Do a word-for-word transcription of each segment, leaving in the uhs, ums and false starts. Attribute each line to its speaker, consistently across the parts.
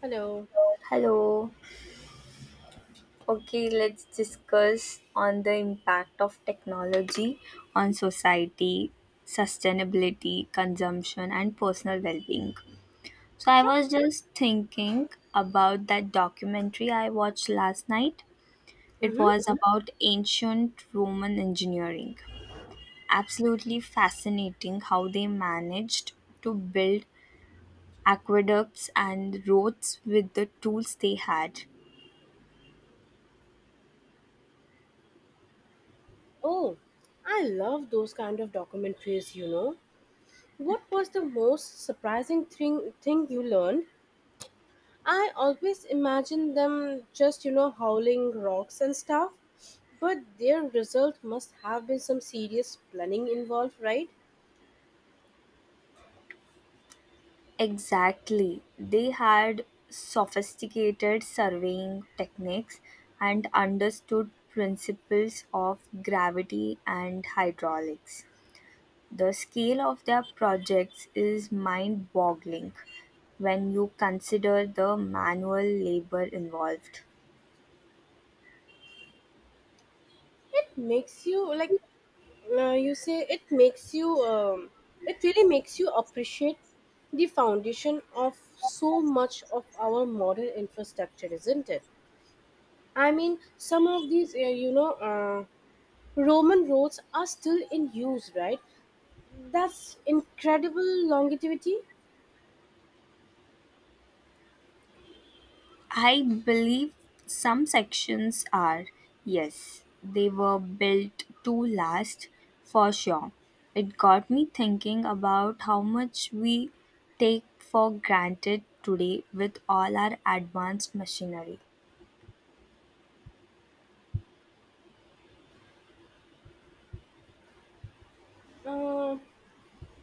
Speaker 1: Hello.
Speaker 2: Hello. Okay, let's discuss on the impact of technology on society, sustainability, consumption and personal well-being. So I
Speaker 1: Sure.
Speaker 2: was just thinking about that documentary I watched last night. It
Speaker 1: Mm-hmm.
Speaker 2: was about ancient Roman engineering. Absolutely fascinating how they managed to build aqueducts and roads with the tools they had.
Speaker 1: Oh, I love those kind of documentaries, you know. What was the most surprising thing thing you learned? I always imagine them just, you know, howling rocks and stuff, but their result must have been some serious planning involved, right?
Speaker 2: Exactly. They had sophisticated surveying techniques and understood principles of gravity and hydraulics. The scale of their projects is mind boggling when you consider the manual labor involved.
Speaker 1: It makes you like uh, you say it makes you um, it really makes you appreciate the foundation of so much of our modern infrastructure, isn't it? I mean, some of these, uh, you know, uh, Roman roads are still in use, right? That's incredible longevity.
Speaker 2: I believe some sections are, yes, they were built to last for sure. It got me thinking about how much we take for granted today with all our advanced machinery.
Speaker 1: Uh,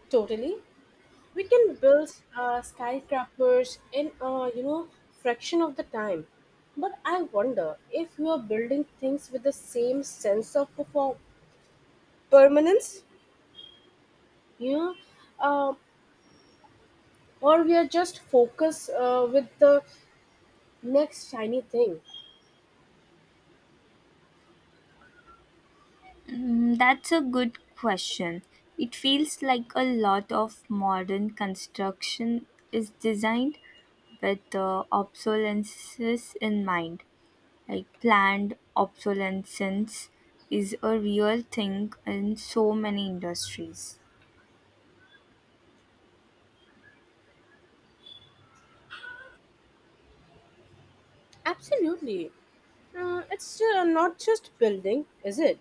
Speaker 1: Totally. We can build uh, skyscrapers in, uh, you know, fraction of the time. But I wonder if we are building things with the same sense of perfor- permanence, you know, uh, or we are just focused uh, with the next shiny thing.
Speaker 2: Mm, that's a good question. It feels like a lot of modern construction is designed with uh, obsolescence in mind. Like planned obsolescence is a real thing in so many industries.
Speaker 1: Absolutely. Uh, it's uh, not just building, is it?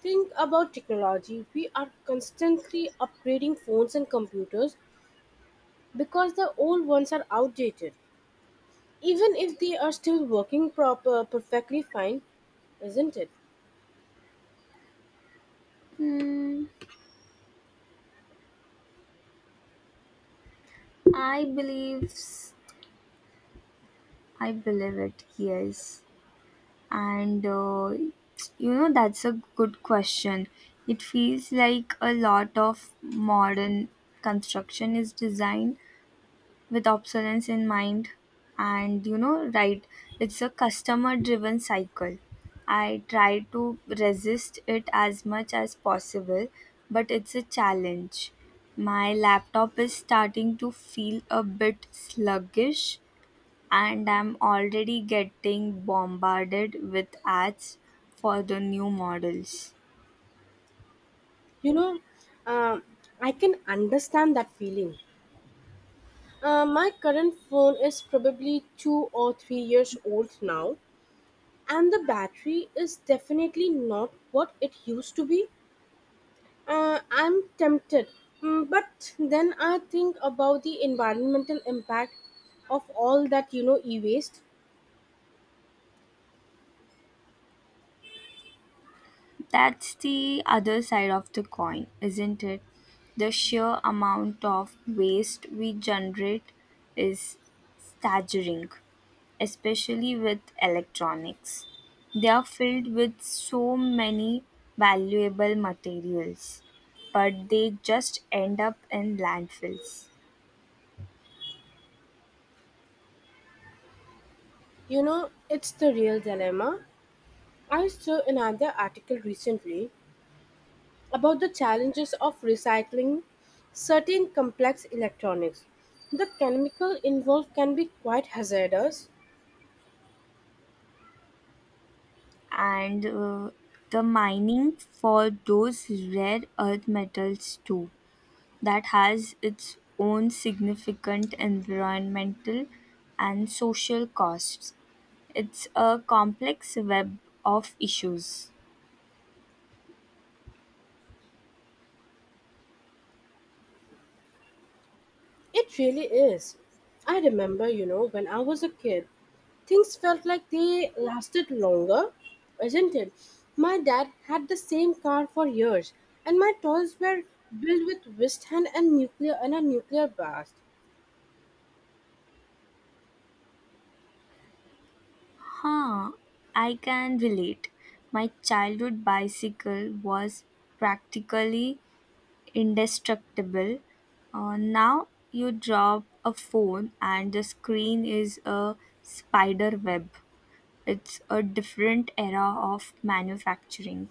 Speaker 1: Think about technology. We are constantly upgrading phones and computers because the old ones are outdated. Even if they are still working proper, perfectly fine, isn't it?
Speaker 2: Mm, I believe I believe it. Yes, and uh, you know that's a good question. It feels like a lot of modern construction is designed with obsolescence in mind, and you know, right, it's a customer driven cycle. I try to resist it as much as possible, but it's a challenge. My laptop is starting to feel a bit sluggish and I'm already getting bombarded with ads for the new models.
Speaker 1: You know, um I can understand that feeling. Uh, my current phone is probably two or three years old now, and the battery is definitely not what it used to be. Uh, I'm tempted. Mm, but then I think about the environmental impact of all that you know e-waste.
Speaker 2: That's the other side of the coin, isn't it? The sheer amount of waste we generate is staggering, especially with electronics. They are filled with so many valuable materials, but they just end up in landfills.
Speaker 1: You know, it's the real dilemma. I saw another article recently about the challenges of recycling certain complex electronics. The chemical involved can be quite hazardous.
Speaker 2: And uh, The mining for those rare earth metals, too, that has its own significant environmental and social costs. It's a complex web of issues.
Speaker 1: It really is. I remember, you know, when I was a kid, things felt like they lasted longer, isn't it? My dad had the same car for years, and my toys were built with wristband and nuclear and a nuclear blast.
Speaker 2: Huh, I can relate. My childhood bicycle was practically indestructible. Uh, now you drop a phone and the screen is a spider web. It's a different era of manufacturing.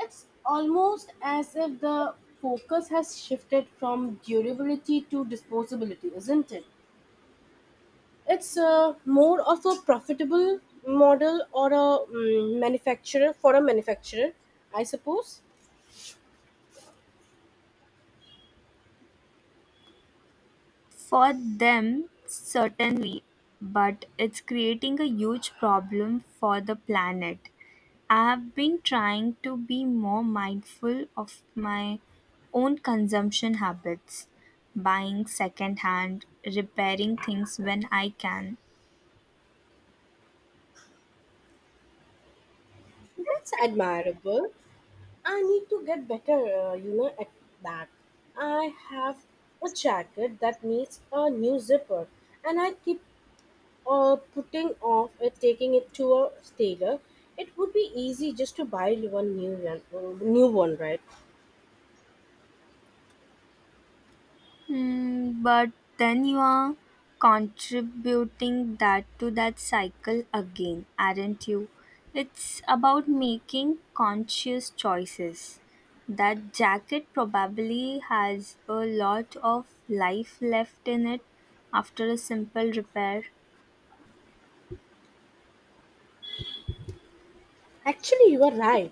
Speaker 1: It's almost as if the focus has shifted from durability to disposability, isn't it? It's uh, more of a profitable model or a mm, manufacturer for a manufacturer, I suppose.
Speaker 2: For them, certainly, but it's creating a huge problem for the planet. I've been trying to be more mindful of my own consumption habits, buying secondhand, repairing things when I can.
Speaker 1: That's admirable. I need to get better, uh, you know, at that. I have a jacket that needs a new zipper, and I keep uh, putting off it, taking it to a tailor. It would be easy just to buy one new one, uh, new one, right?
Speaker 2: Mm, but then you are contributing that to that cycle again, aren't you? It's about making conscious choices. That jacket probably has a lot of life left in it after a simple repair.
Speaker 1: Actually, you are right.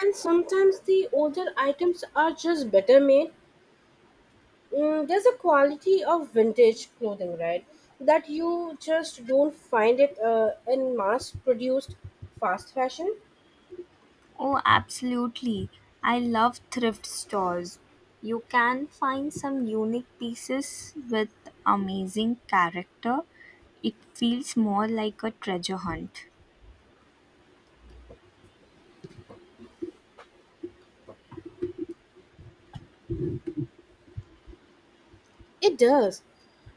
Speaker 1: And sometimes the older items are just better made. Mm, there's a quality of vintage clothing, right? That you just don't find it uh, in mass produced fast fashion.
Speaker 2: Oh, absolutely. I love thrift stores. You can find some unique pieces with amazing character. It feels more like a treasure hunt.
Speaker 1: It does.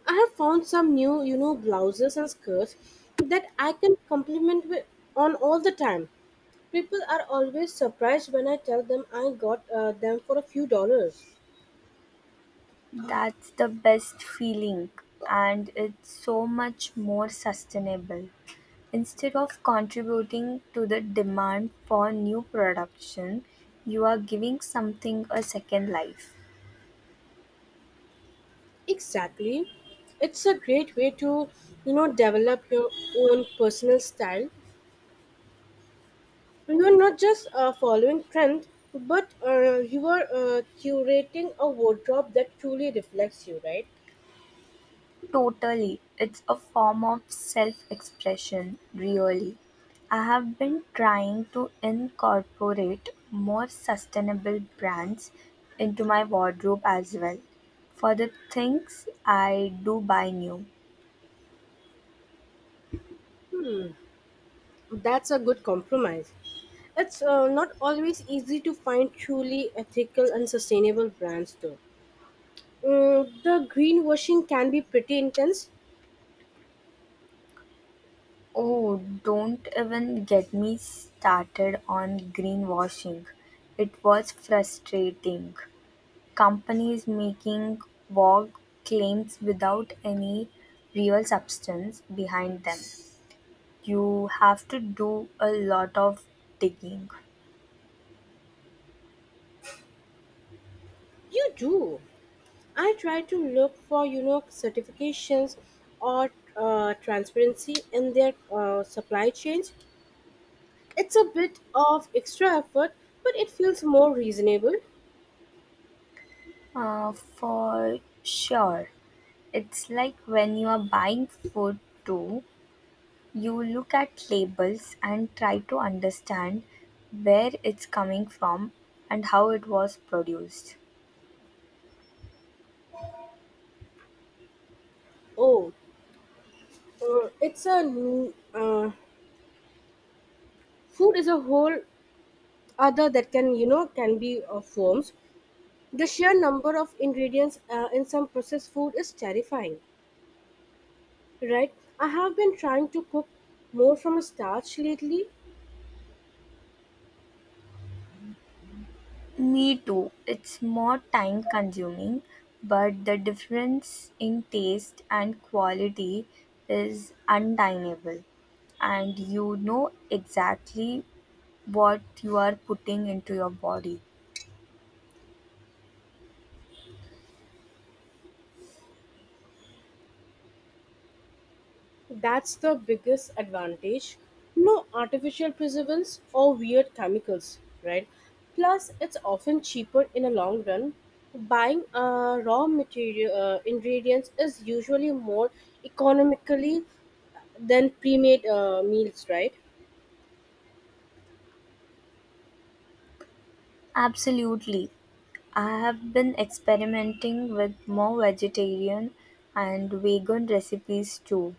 Speaker 1: I have found some new, you know, blouses and skirts that I can compliment with on all the time. People are always surprised when I tell them I got uh, them for a few dollars.
Speaker 2: That's the best feeling, and it's so much more sustainable. Instead of contributing to the demand for new production, you are giving something a second life.
Speaker 1: Exactly. It's a great way to, you know, develop your own personal style. You are not just uh, following trend, but uh, you are uh, curating a wardrobe that truly reflects you, right?
Speaker 2: Totally. It's a form of self expression, really. I have been trying to incorporate more sustainable brands into my wardrobe as well, for the things I do buy new.
Speaker 1: That's a good compromise. It's uh, not always easy to find truly ethical and sustainable brands, though. Mm, the greenwashing can be pretty intense.
Speaker 2: Oh, don't even get me started on greenwashing. It was frustrating. Companies making vague claims without any real substance behind them. You have to do a lot of digging.
Speaker 1: You do. I try to look for, you know, certifications or uh, transparency in their uh, supply chains. It's a bit of extra effort, but it feels more reasonable.
Speaker 2: Uh, for sure. It's like when you are buying food too, you look at labels and try to understand where it's coming from and how it was produced.
Speaker 1: Oh, uh, it's a new uh, food is a whole other that can you know can be uh, forms. The sheer number of ingredients uh, in some processed food is terrifying, right? I have been trying to cook more from a starch lately.
Speaker 2: Me too. It's more time consuming, but the difference in taste and quality is undeniable, and you know exactly what you are putting into your body.
Speaker 1: That's the biggest advantage. No artificial preservatives or weird chemicals, right? Plus, it's often cheaper in the long run. Buying uh, raw material uh, ingredients is usually more economically than pre-made uh, meals, right?
Speaker 2: Absolutely. I have been experimenting with more vegetarian and vegan recipes too.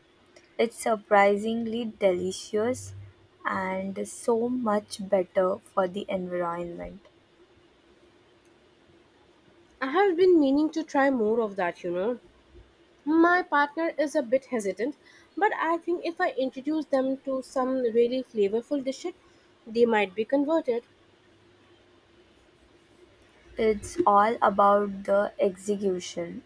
Speaker 2: It's surprisingly delicious and so much better for the environment.
Speaker 1: I have been meaning to try more of that, you know. My partner is a bit hesitant, but I think if I introduce them to some really flavorful dishes, they might be converted.
Speaker 2: It's all about the execution.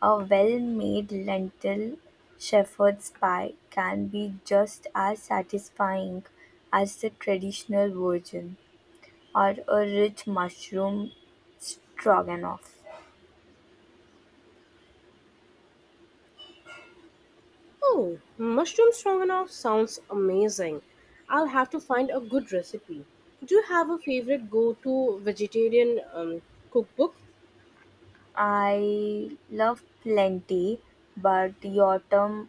Speaker 2: A well made lentil shepherd's pie can be just as satisfying as the traditional version, or a rich mushroom stroganoff.
Speaker 1: Oh, mushroom stroganoff sounds amazing. I'll have to find a good recipe. Do you have a favorite go to vegetarian um, cookbook?
Speaker 2: I love plenty, but your term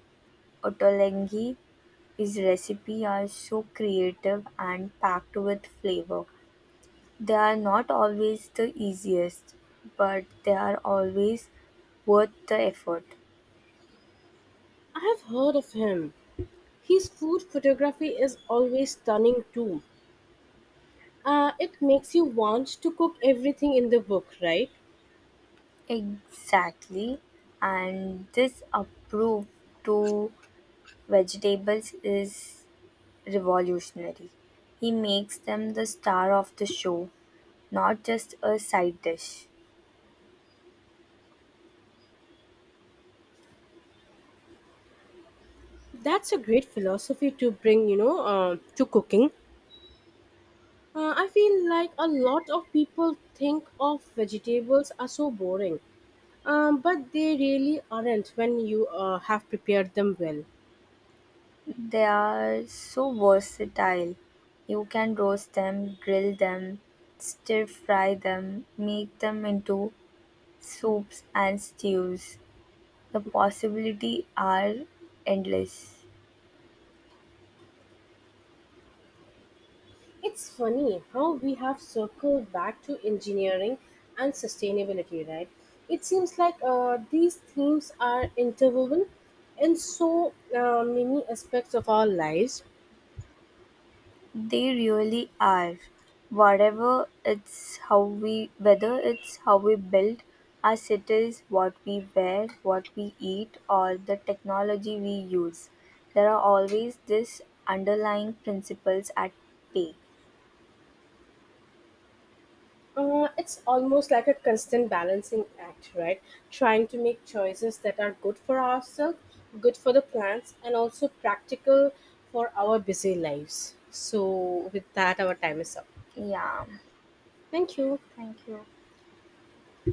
Speaker 2: ottolenghi is recipe are so creative and packed with flavor. They are not always the easiest, but they are always worth the effort.
Speaker 1: I have heard of him. His food photography is always stunning too. Uh, it makes you want to cook everything in the book, right?
Speaker 2: Exactly, and this approve to vegetables is revolutionary. He makes them the star of the show, not just a side dish.
Speaker 1: That's a great philosophy to bring, you know, uh, to cooking. Uh, I feel like a lot of people think of vegetables are so boring. Um, but they really aren't when you uh, have prepared them well.
Speaker 2: They are so versatile. You can roast them, grill them, stir fry them, make them into soups and stews. The possibilities are endless.
Speaker 1: It's funny how we have circled back to engineering and sustainability, right? It seems like uh, these themes are interwoven in so uh, many aspects of our lives.
Speaker 2: They really are. Whatever it's how we whether it's how we build our cities, what we wear, what we eat, or the technology we use, there are always these underlying principles at play.
Speaker 1: Uh, it's almost like a constant balancing act, right? Trying to make choices that are good for ourselves, good for the plants, and also practical for our busy lives. So, with that, our time is up.
Speaker 2: Yeah.
Speaker 1: Thank you.
Speaker 2: Thank you.